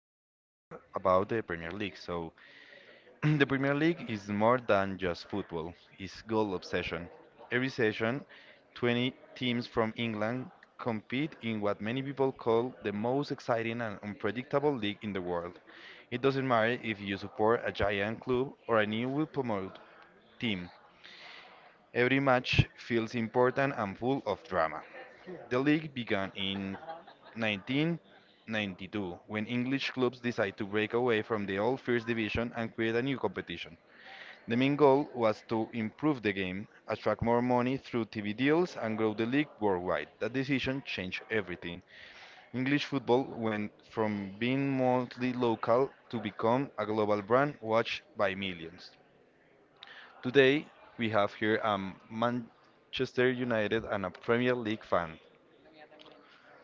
talk about the Premier League. The Premier League is more than just football, it's goal obsession. Every session, 20 teams from England compete in what many people call the most exciting and unpredictable league in the world. It doesn't matter if you support a giant club or a newly promoted team. Every match feels important and full of drama. The league began in 1992, when English clubs decided to break away from the old First Division and create a new competition. The main goal was to improve the game, attract more money through TV deals, and grow the league worldwide. That decision changed everything. English football went from being mostly local to become a global brand watched by millions. Today, we have here a Manchester United and a Premier League fan.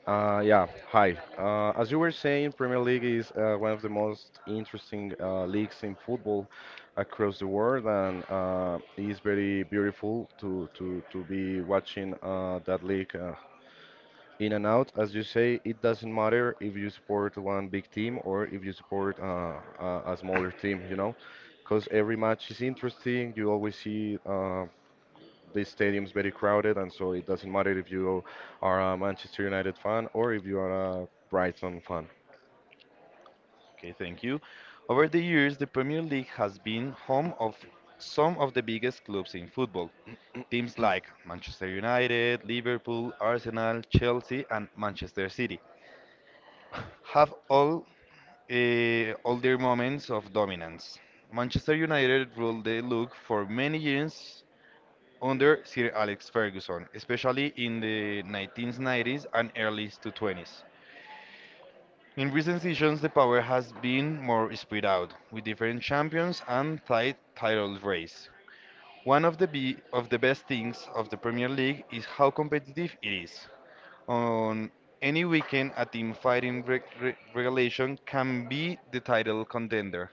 Yeah, hi. As you were saying, Premier League is one of the most interesting leagues in football across the world, and it is very beautiful to be watching that league in and out. As you say, it doesn't matter if you support one big team or if you support a smaller team, you know, because every match is interesting. You always see the stadium's very crowded, and so it doesn't matter if you are a Manchester United fan or if you are a Brighton fan. Okay, thank you. Over the years, the Premier League has been home of some of the biggest clubs in football. Teams like Manchester United, Liverpool, Arsenal, Chelsea, and Manchester City have all their moments of dominance. Manchester United ruled the league for many years under Sir Alex Ferguson, especially in the 1990s and early 20s. In recent seasons, the power has been more spread out, with different champions and tight title race. One of the best things of the Premier League is how competitive it is. On any weekend, a team fighting regulation can be the title contender.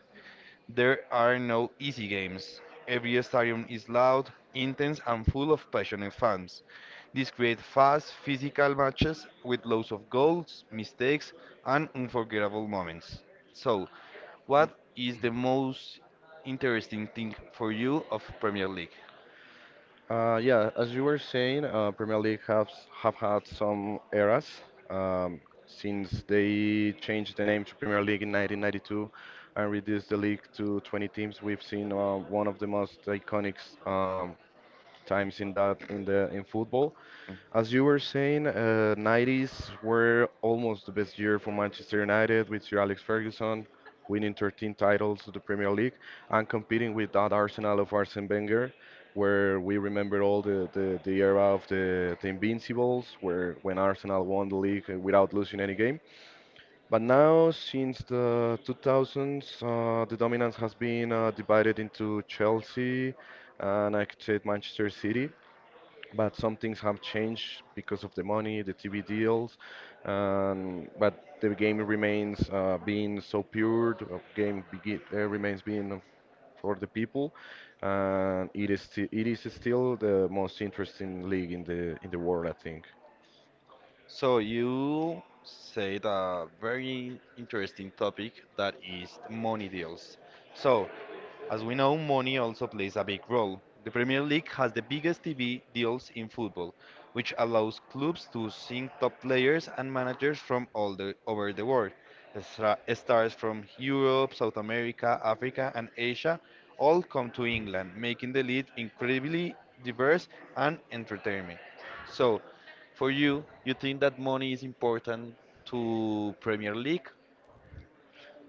There are no easy games. Every stadium is loud, intense, and full of passionate fans. This creates fast, physical matches with lots of goals, mistakes, and unforgettable moments. So, what is the most interesting thing for you of Premier League? Yeah, as you were saying, Premier League have had some eras um, since they changed the name to Premier League in 1992 and reduced the league to 20 teams. We've seen one of the most iconic um, times in that in the in football. As you were saying, 90s were almost the best year for Manchester United with Sir Alex Ferguson winning 13 titles to the Premier League and competing with that Arsenal of Arsene Wenger, where we remember all the era of the Invincibles, where when Arsenal won the league without losing any game. But now, since the 2000s, the dominance has been divided into Chelsea and I could say Manchester City, but some things have changed because of the money, the TV deals, but the game remains being so pure. Remains being for the people, and it is still the most interesting league in the world, I think. So you said a very interesting topic that is money deals. So, as we know, money also plays a big role. The Premier League has the biggest TV deals in football, which allows clubs to sign top players and managers from over the world. Stars from Europe, South America, Africa, and Asia all come to England, making the league incredibly diverse and entertaining. So, for you, you think that money is important to Premier League?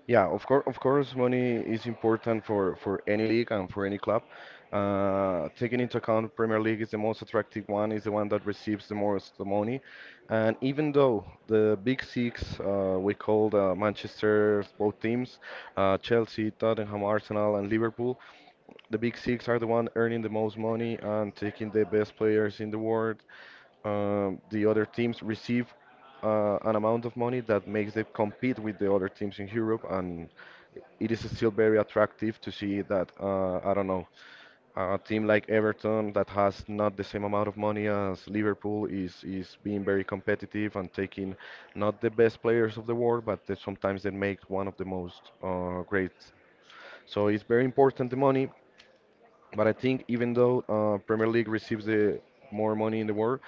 Yeah, of course, money is important for any league and for any club. Taking into account Premier League is the most attractive one, is the one that receives the most the money. And even though the Big Six, we call the Manchester, both teams, Chelsea, Tottenham, Arsenal, and Liverpool, the Big Six are the one earning the most money and taking the best players in the world, the other teams receive an amount of money that makes them compete with the other teams in Europe, and it is still very attractive to see that I don't know, a team like Everton that has not the same amount of money as Liverpool is being very competitive and taking not the best players of the world, but sometimes they make one of the most great. So it's very important the money, but I think even though Premier League receives the more money in the world,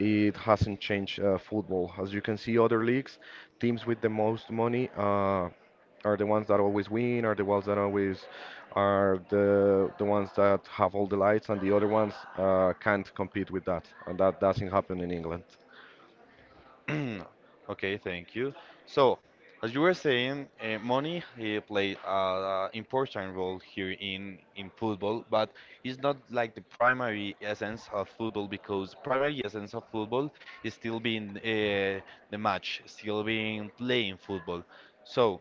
it hasn't changed football. As you can see, other leagues, teams with the most money are the ones that always win, are the ones that always are the ones that have all the lights, and the other ones can't compete with that. And that doesn't happen in England. Okay, thank you. So, as you were saying, money played an important role here in football, but it's not like the primary essence of football because primary essence of football is still being the match, still being playing football. So,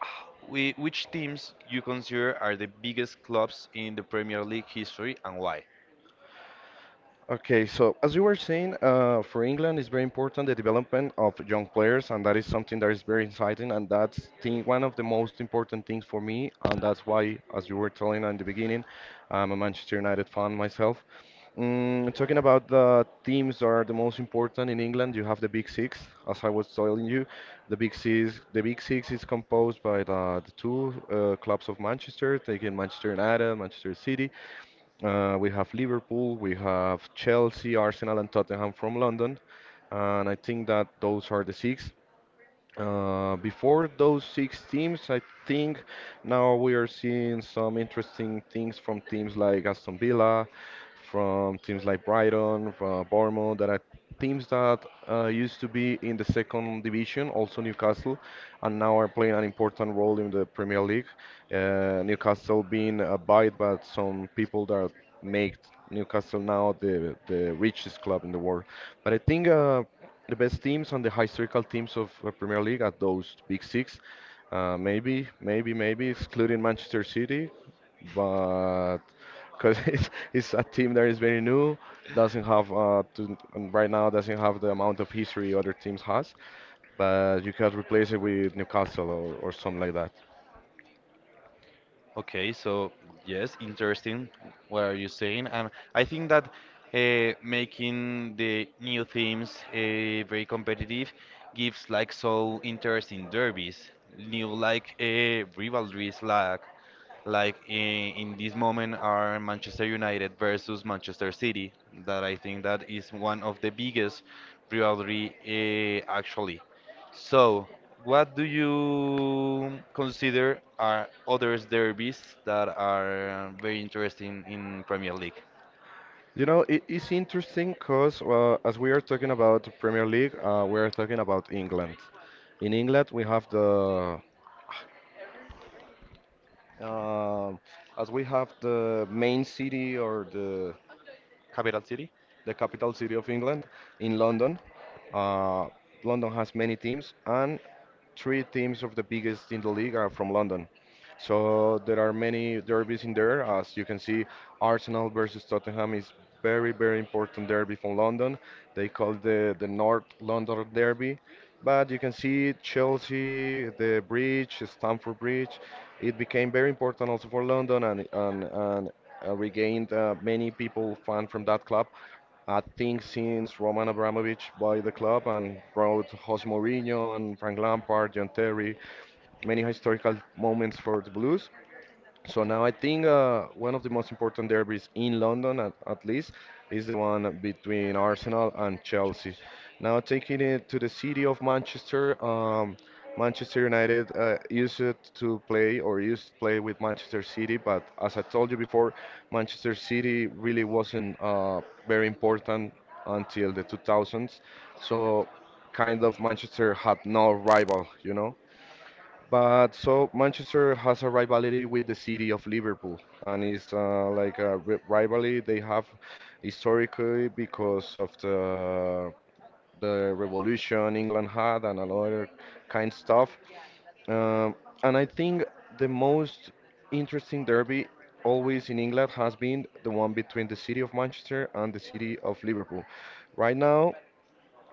which teams you consider are the biggest clubs in the Premier League history and why? Okay, so as you were saying, for England, it's very important the development of young players, and that is something that is very exciting, and one of the most important things for me, and that's why, as you were telling in the beginning, I'm a Manchester United fan myself. Mm, talking about the teams that are the most important in England, you have the Big Six, as I was telling you. The Big Six is composed by the two clubs of Manchester, taking Manchester United, Manchester City. We have Liverpool, we have Chelsea, Arsenal, and Tottenham from London. And I think that those are the six. Before those six teams, I think now we are seeing some interesting things from teams like Aston Villa, from teams like Brighton, from Bournemouth, that are teams that used to be in the second division, also Newcastle, and now are playing an important role in the Premier League. Newcastle being bought by some people that make Newcastle now the richest club in the world. But I think the best teams and the historical teams of Premier League at those big six. Maybe, maybe excluding Manchester City, but because it's a team that is very new, doesn't have and right now doesn't have the amount of history other teams has. But you could replace it with Newcastle, or something like that. Okay, so yes, interesting what are you saying? And I think that making the new themes very competitive gives like so interesting derbies, new like rivalries, like in this moment are Manchester United versus Manchester City that I think that is one of the biggest rivalry actually. So, what do you consider are other derbies that are very interesting in Premier League? You know, it is interesting because as we are talking about Premier League, we are talking about England. In England, we have the Um as we have the main city or Capital City? the capital city of England in London. Uh, London has many teams, and three teams of the biggest in the league are from London. So there are many derbies in there. As you can see, Arsenal versus Tottenham is very, very important derby from London. They call it the North London Derby. But you can see Chelsea, the bridge, Stamford Bridge. It became very important also for London and regained many people fan from that club. I think since Roman Abramovich bought the club and brought Jose Mourinho and Frank Lampard, John Terry, many historical moments for the Blues. So now I think one of the most important derbies in London, at least, is the one between Arsenal and Chelsea. Now taking it to the city of Manchester, Manchester United used to play with Manchester City, but as I told you before, Manchester City really wasn't very important until the 2000s. So kind of Manchester had no rival, you know. But so Manchester has a rivalry with the city of Liverpool, and it's like rivalry they have historically because of the revolution England had and another kind of stuff. Um, and I think the most interesting derby always in England has been the one between the city of Manchester and the city of Liverpool. Right now,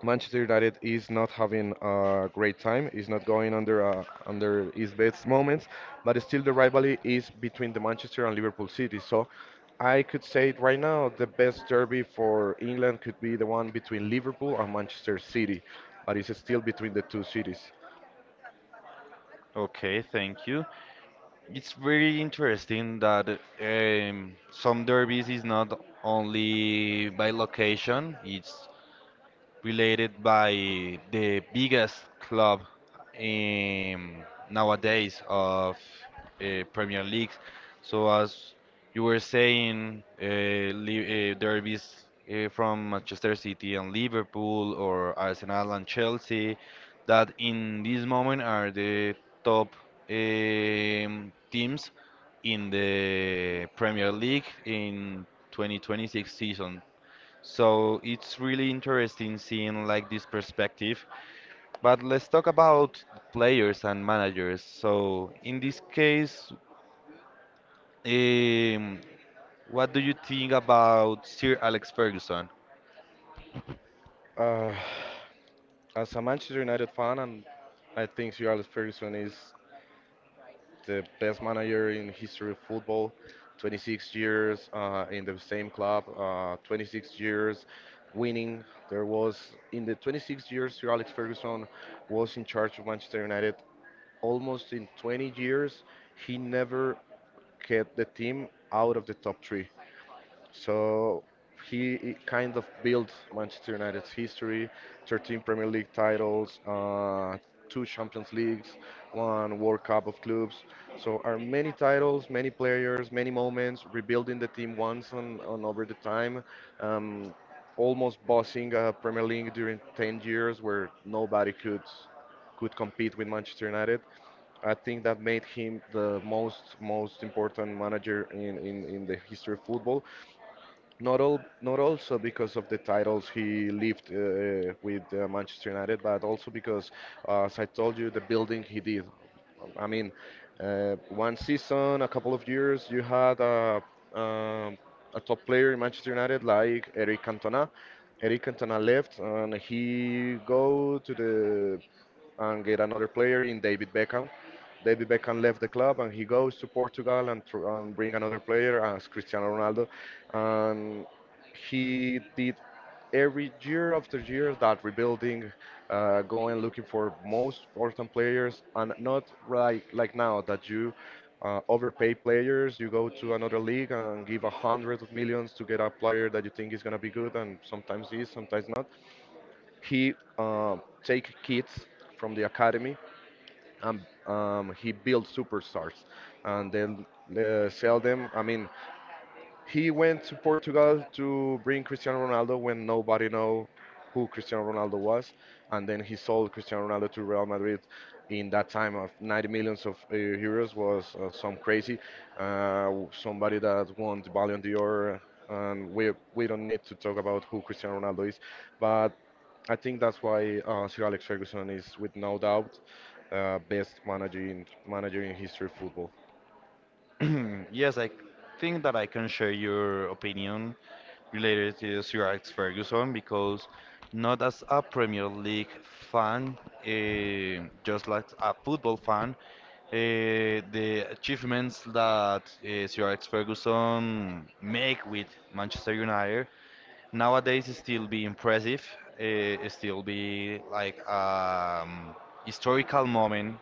Manchester United is not having a great time, is not going under his best moments, but still the rivalry is between the Manchester and Liverpool City. So I could say it right now the best derby for England could be the one between Liverpool and Manchester City, but it's still between the two cities. Okay, thank you. It's very interesting that some derbies is not only by location, it's related by the biggest club in nowadays of Premier League. So as you were saying, derbies from Manchester City and Liverpool or Arsenal and Chelsea, that in this moment are the top teams in the Premier League in 2026 season. So it's really interesting seeing like this perspective. But let's talk about players and managers. So in this case, um, what do you think about Sir Alex Ferguson? Uh, as a Manchester United fan, and I think Sir Alex Ferguson is the best manager in history of football, 26 years in the same club, 26 years winning. There was in the 26 years Sir Alex Ferguson was in charge of Manchester United. Almost in 20 years, he never kept the team out of the top three. So he kind of built Manchester United's history, 13 Premier League titles, two Champions Leagues, one World Cup of Clubs. So are many titles, many players, many moments, rebuilding the team once and over the time. Um, Almost bossing Premier League during 10 years where nobody could compete with Manchester United. I think that made him the most important manager in the history of football. Not also because of the titles he lived with Manchester United, but also because, as I told you, the building he did. I mean, one season, a couple of years, you had um, a top player in Manchester United like Eric Cantona. Eric Cantona left, and he go to the and get another player in David Beckham. David Beckham left the club and he goes to Portugal and, and bring another player as Cristiano Ronaldo. And he did every year after year that rebuilding, going looking for most important players and not like now that you overpay players. You go to another league and give a hundred of millions to get a player that you think is gonna be good and sometimes is, sometimes not. He take kids from the academy and he built superstars and then sell them. I mean, he went to Portugal to bring Cristiano Ronaldo when nobody know who Cristiano Ronaldo was, and then he sold Cristiano Ronaldo to Real Madrid. In that time of 90 millions of euros was some crazy, uh, somebody that won the Ballon d'Or, and we don't need to talk about who Cristiano Ronaldo is, but I think that's why Sir Alex Ferguson is, with no doubt, best managing manager in history of football. Yes, I think that I can share your opinion related to Sir Alex Ferguson because not as a Premier League fan, just like a football fan, the achievements that Sir Alex Ferguson make with Manchester United nowadays is still be impressive, still be like historical moment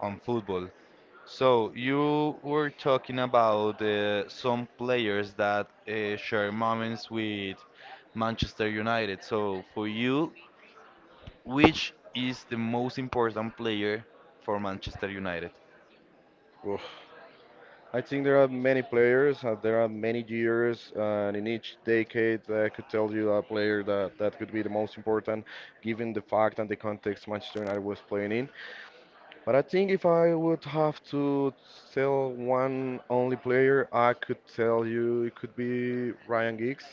on football. So you were talking about some players that share moments with Manchester United. So for you, which is the most important player for Manchester United? Oof. I think there are many players, there are many years, and in each decade I could tell you a player that could be the most important given the fact and the context Manchester United was playing in. But I think if I would have to tell one only player, I could tell you it could be Ryan Giggs.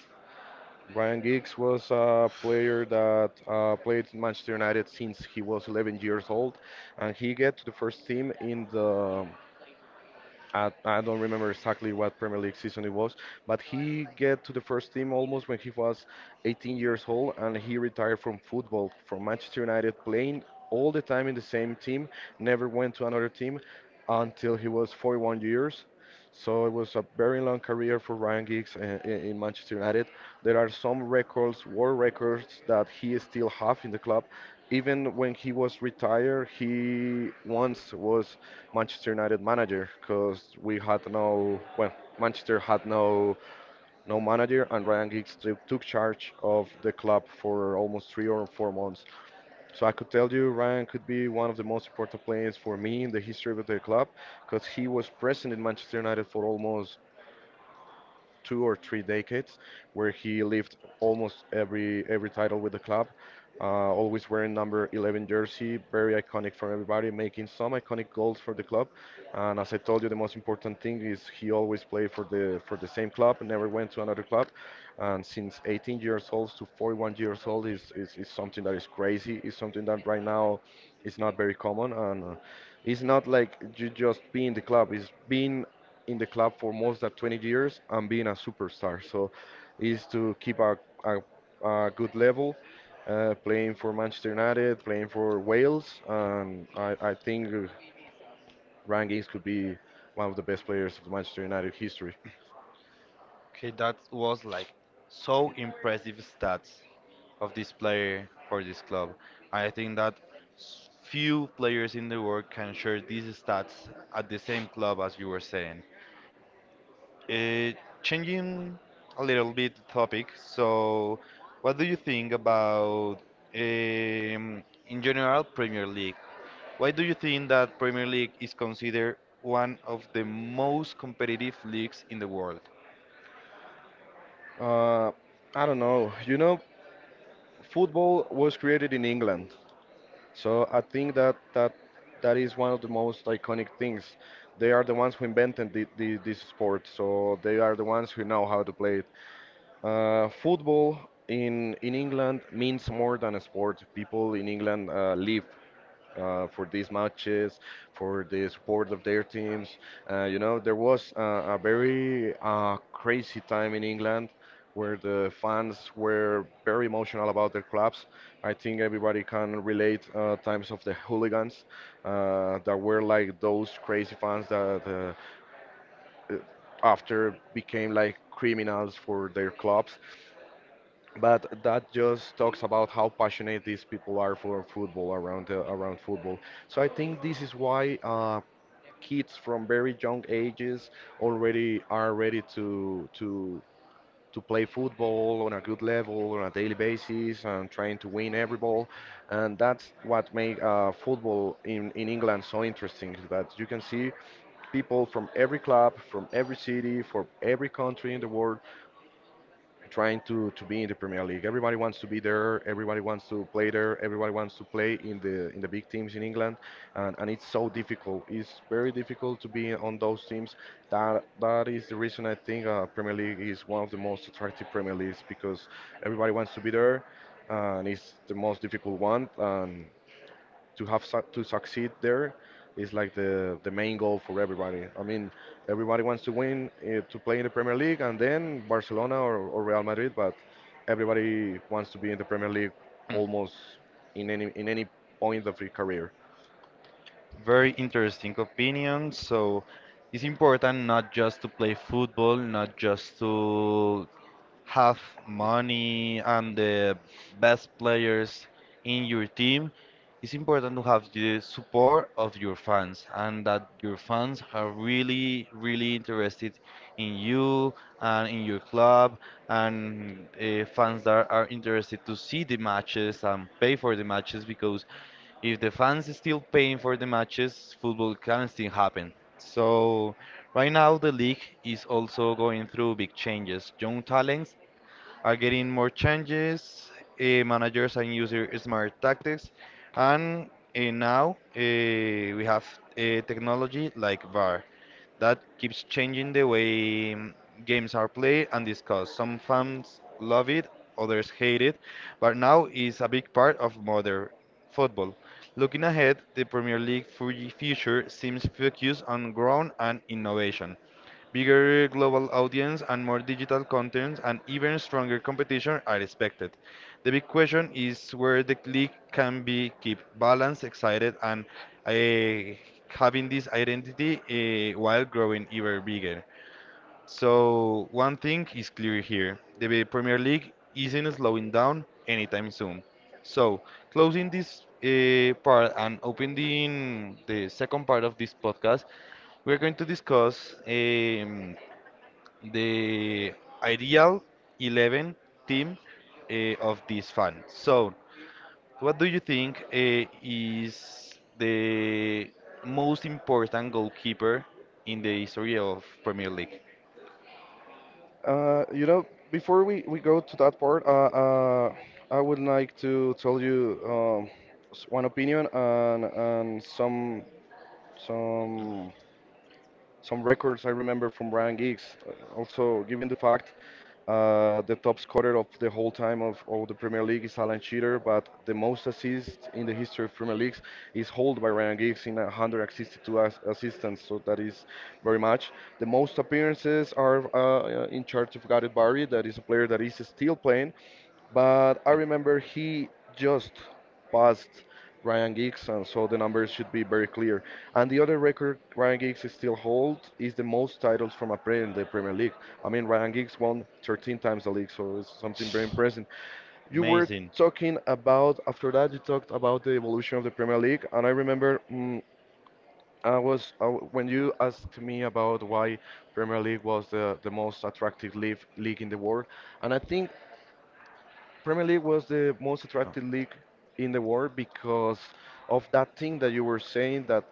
Ryan Giggs was a player that played in Manchester United since he was 11 years old, and he get to the first team in the um, I, I don't remember exactly what Premier League season it was, but he get to the first team almost when he was 18 years old, and he retired from football from Manchester United, playing all the time in the same team, never went to another team until he was 41 years. So it was a very long career for Ryan Giggs in Manchester United. There are some records, world records that he still have in the club. Even when he was retired, he once was Manchester United manager because we had Manchester had no manager, and Ryan Giggs took charge of the club for almost 3 or 4 months. So I could tell you Ryan could be one of the most important players for me in the history of the club, because he was present in Manchester United for almost two or three decades, where he lived almost every title with the club. Always wearing number 11 jersey, very iconic for everybody, making some iconic goals for the club. And as I told you, the most important thing is he always played for the same club, never went to another club. And since 18 years old to 41 years old is something that is crazy. Is something that right now is not very common, and it's not like you just being the club. It's being in the club for more than 20 years and being a superstar. So is to keep a, a good level, playing for Manchester United, playing for Wales, and I think Ryan Giggs could be one of the best players of the Manchester United history. Okay, that was like so impressive stats of this player for this club. I think that few players in the world can share these stats at the same club as you were saying. Uh, Changing a little bit the topic, so what do you think about, um, in general, Premier League? Why do you think that Premier League is considered one of the most competitive leagues in the world? Uh, I don't know. You know, football was created in England, so I think that that is one of the most iconic things. They are the ones who invented this sport, so they are the ones who know how to play it. Football in England means more than a sport. People in England live for these matches, for the support of their teams. You know, there was a very crazy time in England where the fans were very emotional about their clubs. I think everybody can relate times of the hooligans that were like those crazy fans that uh, after became like criminals for their clubs, but that just talks about how passionate these people are for football around around football. So I think this is why kids from very young ages already are ready to play football on a good level on a daily basis and trying to win every ball, and that's what makes football in England so interesting. Is that you can see people from every club, from every city, from every country in the world trying to be in the Premier League. Everybody wants to be there. Everybody wants to play there. Everybody wants to play in the big teams in England, and it's so difficult. It's very difficult to be on those teams. That is the reason I think Premier League is one of the most attractive Premier Leagues, because everybody wants to be there, and it's the most difficult one. And to have su to succeed there is like the main goal for everybody. I mean, everybody wants to win to play in the Premier League and then Barcelona or Real Madrid, but everybody wants to be in the Premier League Mm. almost in any point of your career. Very interesting opinion. So it's important not just to play football, not just to have money and the best players in your team, it's important to have the support of your fans and that your fans are really really interested in you and in your club and fans that are interested to see the matches and pay for the matches because if the fans is still paying for the matches football can still happen so right now the league is also going through big changes young talents are getting more changes. Managers and user smart tactics, and now uh, we have technology like VAR that keeps changing the way games are played and discussed. Some fans love it, others hate it, but now is a big part of modern football. Looking ahead, the Premier League future seems focused on growth and innovation. Bigger global audience and more digital content and even stronger competition are expected. The big question is where the league can be keep balanced, excited, and eh, having this identity while growing even bigger. So one thing is clear here: the Premier League isn't slowing down anytime soon. So closing this part and opening the second part of this podcast, we're going to discuss. The ideal 11 team uh, of this fan. So, what do you think is the most important goalkeeper in the history of Premier League? You know, before we go to that part, I would like to tell you one opinion, and some some records I remember from Ryan Giggs. Also, given the fact the top scorer of the whole time of the Premier League is Alan Shearer, but the most assists in the history of Premier Leagues is held by Ryan Giggs in 162 assistants, so that is very much. The most appearances are in charge of Gareth Barry, that is a player that is still playing, but I remember he just passed Ryan Giggs, and so the numbers should be very clear. And the other record Ryan Giggs still holds is the most titles from a player in the Premier League. I mean, Ryan Giggs won 13 times the league, so it's something very impressive. You were Amazing. talking about, after that, you talked about the evolution of the Premier League, and I remember. I was when you asked me about why Premier League was the most attractive league in the world, and I think Premier League was the most Oh, attractive league in the world because of that thing that you were saying that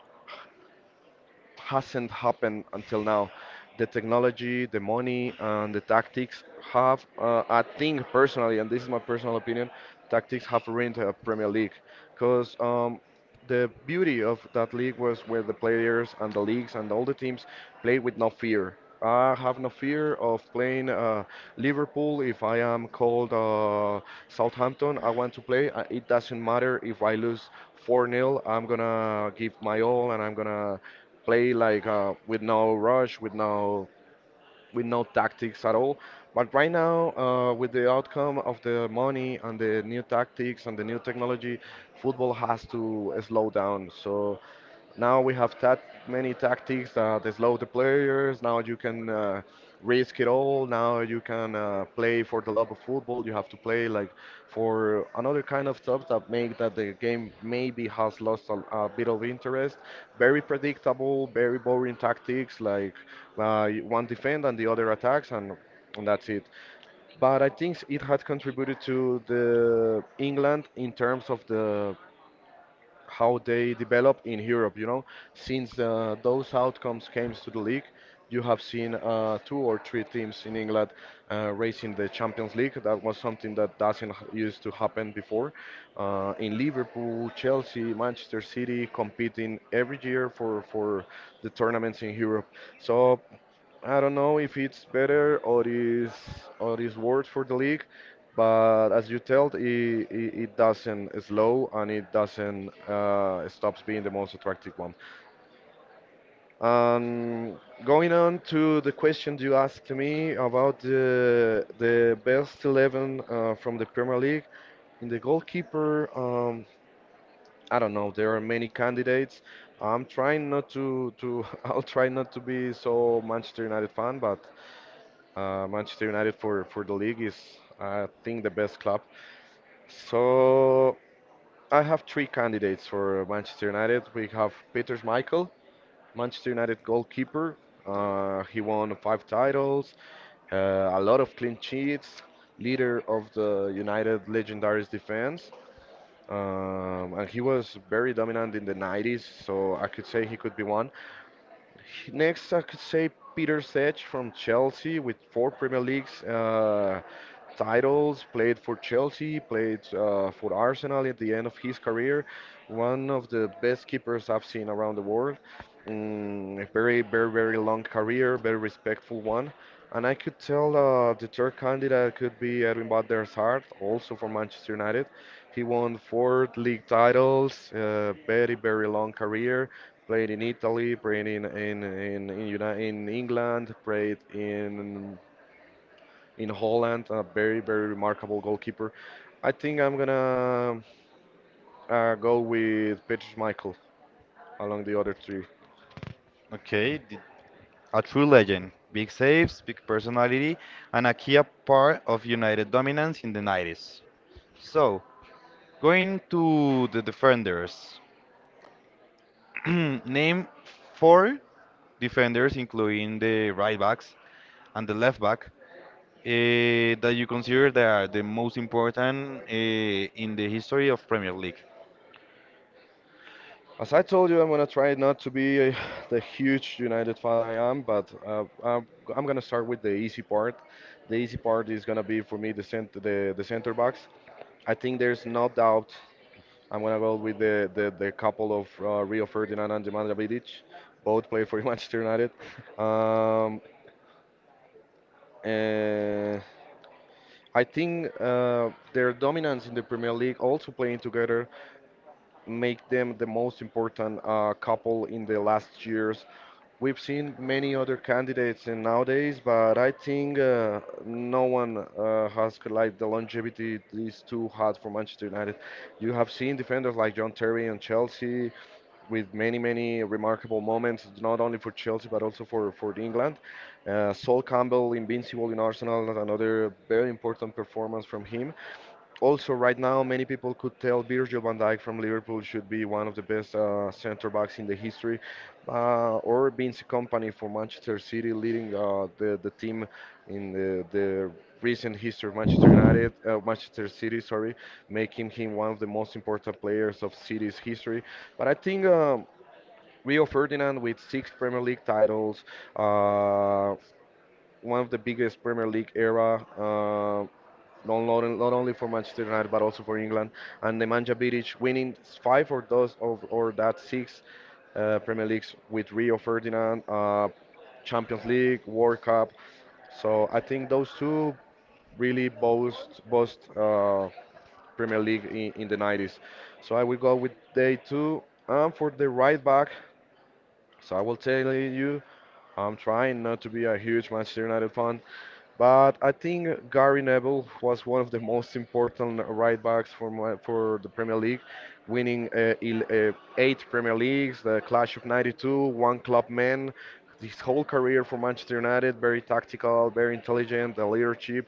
hasn't happened until now. The technology, the money, and the tactics have, I think personally, and this is my personal opinion, tactics have ruined the Premier League. Because the beauty of that league was where the players and the leagues and all the teams play with no fear. I have no fear of playing Liverpool if I am called Southampton. I want to play. It doesn't matter if I lose 4 nil, I'm gonna give my all and I'm gonna play like with no rush, with no tactics at all. But right now, with the outcome of the money and the new tactics and the new technology, football has to slow down. So now we have that many tactics that slow the players. Now you can risk it all. Now you can play for the love of football. You have to play like for another kind of stuff that make that the game maybe has lost a bit of interest. Very predictable, very boring tactics like one defend and the other attacks and. And that's it. But I think it had contributed to the England in terms of the how they develop in Europe. You know, since those outcomes came to the league, you have seen two or three teams in England racing the Champions League. That was something that doesn't h- used to happen before. In Liverpool, Chelsea, Manchester City competing every year for the tournaments in Europe. So I don't know if it's better or is worse for the league, but as you told, it doesn't slow and it doesn't stops being the most attractive one. Um, Going on to the question you asked me about the best 11 from the Premier League, in the goalkeeper, I don't know. There are many candidates. I'm trying not to I'll try not to be so Manchester United fan, but Manchester United for the league is, I think, the best club. So I have three candidates for Manchester United. We have Peter Schmeichel, Manchester United goalkeeper. He won five titles, uh, a lot of clean sheets, leader of the United Legendaries defense. And he was very dominant in the 90s, so I could say he could be one. Next, I could say Peter Sech from Chelsea with four Premier Leagues titles, played for Chelsea, played for Arsenal at the end of his career. One of the best keepers I've seen around the world. Mm, a very, very, very long career, very respectful one. And I could tell the third candidate could be Edwin van der Sar, also from Manchester United. He won four league titles, very, very long career. Played in Italy, played in England, played in Holland. A very very remarkable goalkeeper. I think I'm gonna go with Peter Schmeichel along the other three. okay, a true legend. Big saves, big personality, and a key part of United dominance in the 90s. So, going to the defenders, name four defenders, including the right backs and the left back, that you consider they are the most important in the history of Premier League? As I told you, I'm gonna try not to be the huge United fan I am, but I'm gonna start with the easy part. The easy part is gonna be for me the center backs. I think there's no doubt I'm gonna go with the couple of Rio Ferdinand and Nemanja Vidic, both play for Manchester United. Um, uh, I think their dominance in the Premier League, also playing together, make them the most important couple in the last years. We've seen many other candidates in nowadays, but I think no one has like the longevity these two had for Manchester United. You have seen defenders like John Terry and Chelsea, with many, many remarkable moments, not only for Chelsea but also for England. Sol Campbell, invincible in Arsenal, another very important performance from him. Also, right now, many people could tell Virgil van Dijk from Liverpool should be one of the best centre backs in the history, or Vince Company for Manchester City, leading the team in the recent history of Manchester United, Manchester City, sorry, making him one of the most important players of City's history. But I think Rio Ferdinand with 6 Premier League titles, uh, one of the biggest Premier League era, not only for Manchester United but also for England. And Nemanja Vidic winning five or those of or that six Premier Leagues with Rio Ferdinand, Champions League, World Cup. So I think those two really boast Premier League in the 90s. So I will go with day two. And for the right back, so I will tell you I'm trying not to be a huge Manchester United fan, but I think Gary Neville was one of the most important right backs for my, for the Premier League, winning eight Premier Leagues, the Clash of '92, one club man. His whole career for Manchester United, very tactical, very intelligent, the leadership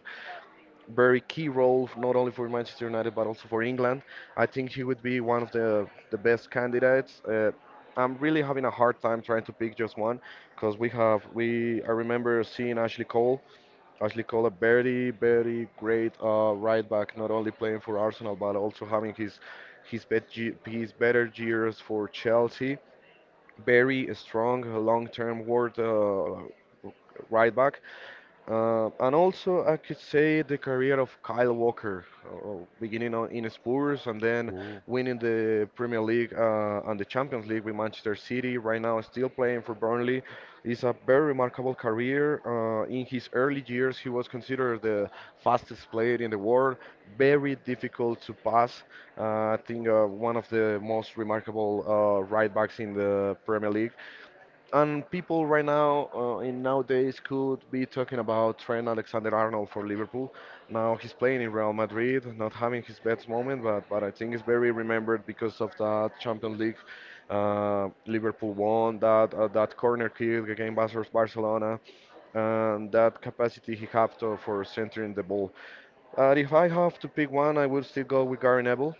very key role not only for Manchester United but also for England. I think he would be one of the best candidates. I'm really having a hard time trying to pick just one because we have we I remember seeing Ashley Cole. Ashley Cole, a very great right back, not only playing for Arsenal but also having his bet his better years for Chelsea. Very strong, long-term world right back. And also, I could say the career of Kyle Walker, beginning in Spurs and then Ooh. winning the Premier League and the Champions League with Manchester City. Right now, still playing for Burnley. It's a very remarkable career. In his early years, he was considered the fastest player in the world. Very difficult to pass. Uh, I think one of the most remarkable right backs in the Premier League. And people right now, in nowadays, could be talking about Trent Alexander-Arnold for Liverpool. Now he's playing in Real Madrid, not having his best moment, but I think it's very remembered because of that Champions League. Liverpool won that corner kick against Barcelona, and that capacity he had to, for centering the ball. If I have to pick one, I would still go with Gary Neville.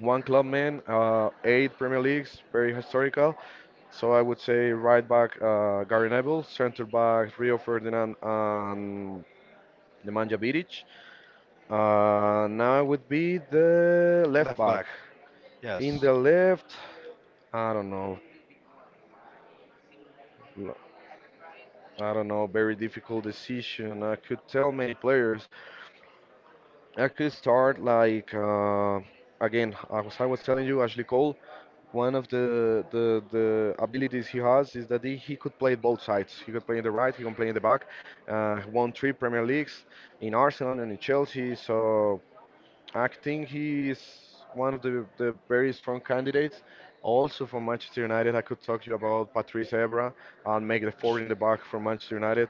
One club man, 8 Premier Leagues, very historical. So I would say right back Gary Neville, center back Rio Ferdinand and Nemanja Vidic. Now would be the left Left back. back. In Yes. the left, I don't know. L- I don't know. Very difficult decision. I could tell many players. I could start like again, as I was telling you, Ashley Cole. One of the abilities he has is that he could play both sides. He could play in the right, he can play in the back. He won 3 Premier Leagues in Arsenal and in Chelsea. So I think he is one of the very strong candidates. Also from Manchester United, I could talk to you about Patrice Evra and make the forward in the back for Manchester United.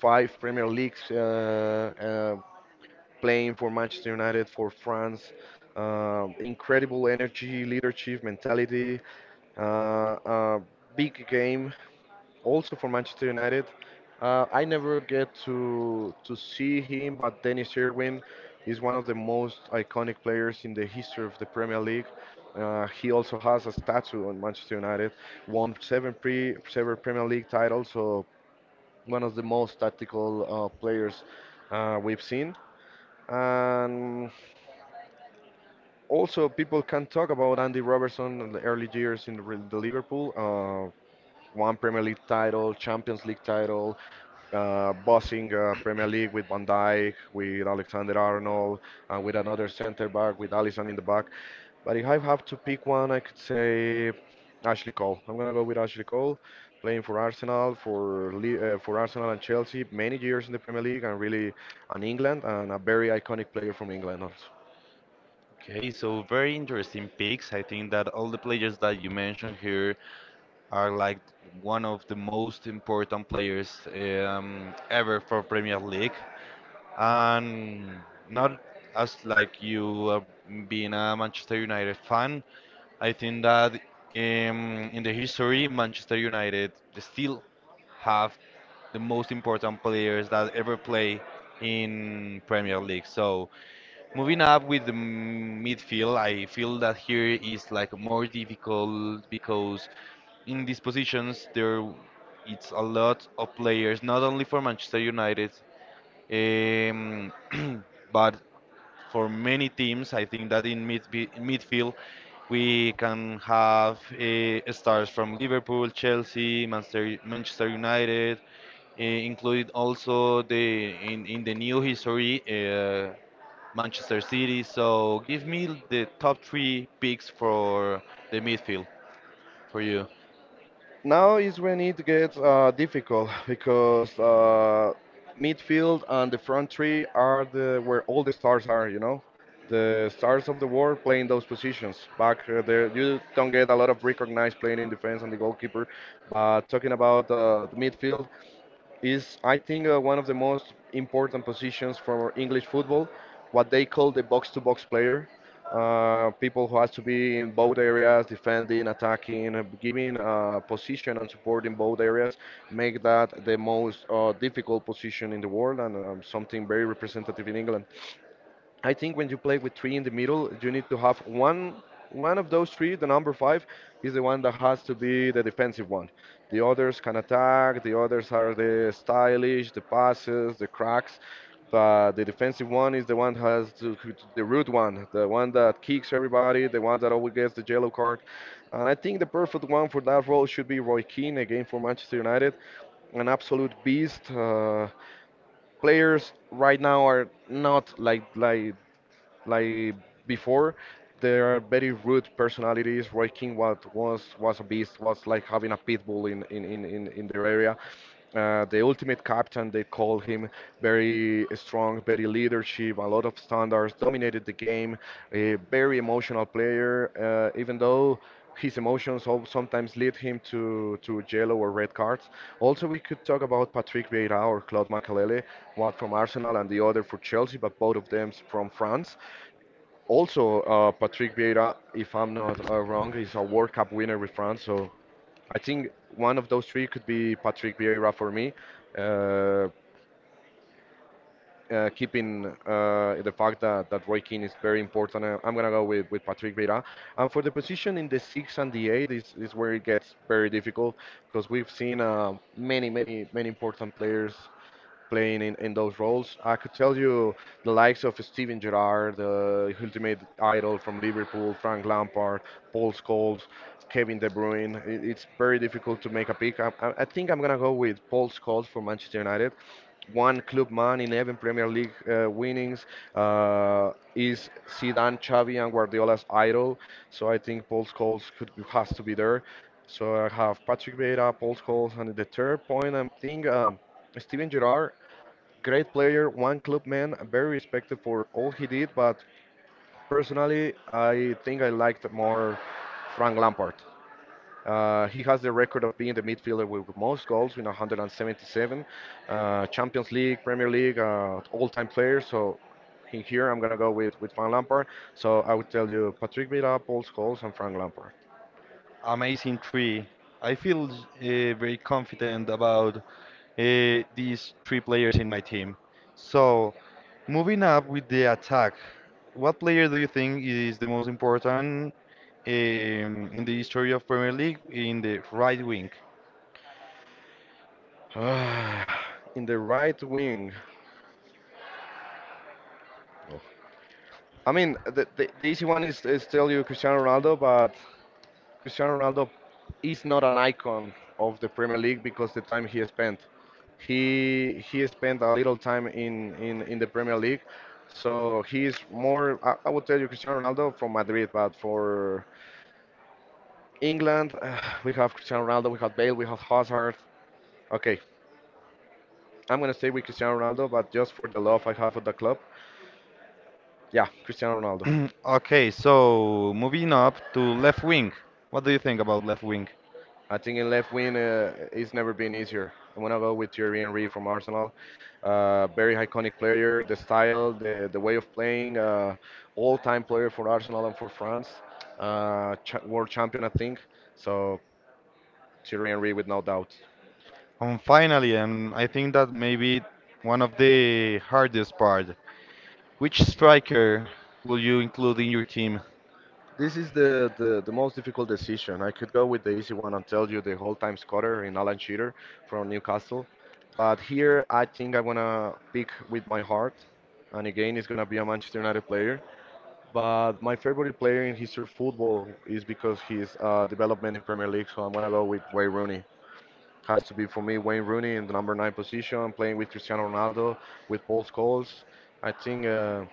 5 Premier Leagues playing for Manchester United, for France. Incredible energy, leadership, mentality. A big game also for Manchester United. I never get to see him, but Dennis Irwin is one of the most iconic players in the history of the Premier League. He also has a statue on Manchester United. Won 7 Premier League titles, so one of the most tactical players we've seen. And also, people can talk about Andy Robertson in the early years in the Liverpool. 1 Premier League title, Champions League title, bossing Premier League with Van Dijk, with Alexander Arnold, and with another centre back, with Allison in the back. But if I have to pick one, I could say Ashley Cole. I'm gonna go with Ashley Cole, playing for Arsenal, for Arsenal and Chelsea, many years in the Premier League, and really, and England, and a very iconic player from England also. Okay, so very interesting picks. I think that all the players that you mentioned here are like one of the most important players ever for Premier League, and not as like you being a Manchester United fan, I think that in the history, Manchester United still have the most important players that ever play in Premier League. So moving up with the midfield, I feel that here is like more difficult because in these positions it's a lot of players, not only for Manchester United, um, but for many teams. I think that in midfield, we can have stars from Liverpool, Chelsea, Manchester, Manchester United, included also in the new history Manchester City. So give me the top three picks for the midfield for you. Now is when it gets difficult because midfield and the front three are the where all the stars are. You know, the stars of the world playing those positions. Back there, you don't get a lot of recognized playing in defense and the goalkeeper. But talking about the midfield, is I think one of the most important positions for English football, what they call the box-to-box player. People who has to be in both areas, defending, attacking, giving position and support in both areas, make that the most difficult position in the world and something very representative in England. I think when you play with three in the middle, you need to have one one of those three. The number five is the one that has to be the defensive one. The others can attack. The others are the stylish, the passes, the cracks. But the defensive one is the one that has to, the rude one, the one that kicks everybody, the one that always gets the yellow card. And I think the perfect one for that role should be Roy Keane again for Manchester United, an absolute beast. Players right now are not like before, there are very rude personalities. Roy King was a beast, was like having a pit bull in their area. The ultimate captain, they call him very strong, very leadership, a lot of standards, dominated the game, a very emotional player, even though his emotions sometimes lead him to yellow or red cards. Also, we could talk about Patrick Vieira or Claude Makalele, one from Arsenal and the other for Chelsea, but both of them from France. Also, Patrick Vieira, if I'm not wrong, is a World Cup winner with France. So I think one of those three could be Patrick Vieira for me. Uh, keeping the fact that Roy Keane is very important, I'm gonna go with Patrick Vieira. And for the position in the six and the eight is where it gets very difficult because we've seen many important players playing in those roles. I could tell you the likes of Steven Gerrard, the ultimate idol from Liverpool, Frank Lampard, Paul Scholes, Kevin De Bruyne. It's very difficult to make a pick. I think I'm gonna go with Paul Scholes for Manchester United. One club man in 11 Premier League winnings is Zidane, Xavi, and Guardiola's idol. So I think Paul Scholes could has to be there. So I have Patrick Vieira, Paul Scholes, and the third point I'm thinking Steven Gerrard. Great player, one club man, very respected for all he did, but personally, I think I liked more Frank Lampard. He has the record of being the midfielder with most goals with 177, Champions League, Premier League, all-time player. So in here, I'm gonna go with Frank Lampard. So I would tell you Patrick Vieira, Paul Scholes, and Frank Lampard. Amazing three. I feel very confident about these three players in my team. So, moving up with the attack, what player do you think is the most important in the history of Premier League in the right wing? in the right wing, I mean the easy one is tell you Cristiano Ronaldo, but Cristiano Ronaldo is not an icon of the Premier League because the time he spent. He spent a little time in the Premier League, so he is more. I would tell you Cristiano Ronaldo from Madrid, but for England, we have Cristiano Ronaldo, we have Bale, we have Hazard. Okay, I'm gonna stay with Cristiano Ronaldo, but just for the love I have for the club, yeah, Cristiano Ronaldo. Okay, so moving up to left wing. What do you think about left wing? I think in left wing, it's never been easier. I'm gonna go with Thierry Henry from Arsenal. Very iconic player, the style, the way of playing, all-time player for Arsenal and for France, world champion, I think. So Thierry Henry, with no doubt. And finally, and I think that maybe one of the hardest part. Which striker will you include in your team? This is the most difficult decision. I could go with the easy one and tell you the whole time scorer in Alan Shearer from Newcastle. But here I think I'm gonna pick with my heart. And again, it's gonna be a Manchester United player. But my favorite player in history of football is because his development in Premier League. So I'm gonna go with Wayne Rooney. Has to be for me Wayne Rooney in the number nine position, playing with Cristiano Ronaldo, with Paul Scholes. I think uh,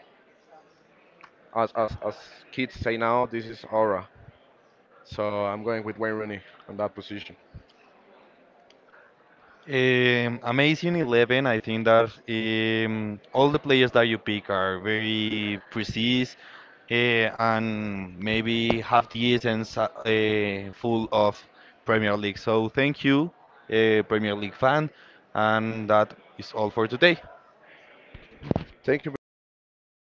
as, as as kids say now, this is aura. So I'm going with Wayne Rooney on that position. Amazing 11. I think that all the players that you pick are very precise uh, and maybe have the essence full of Premier League. So thank you, Premier League fan, and that is all for today. Thank you very much.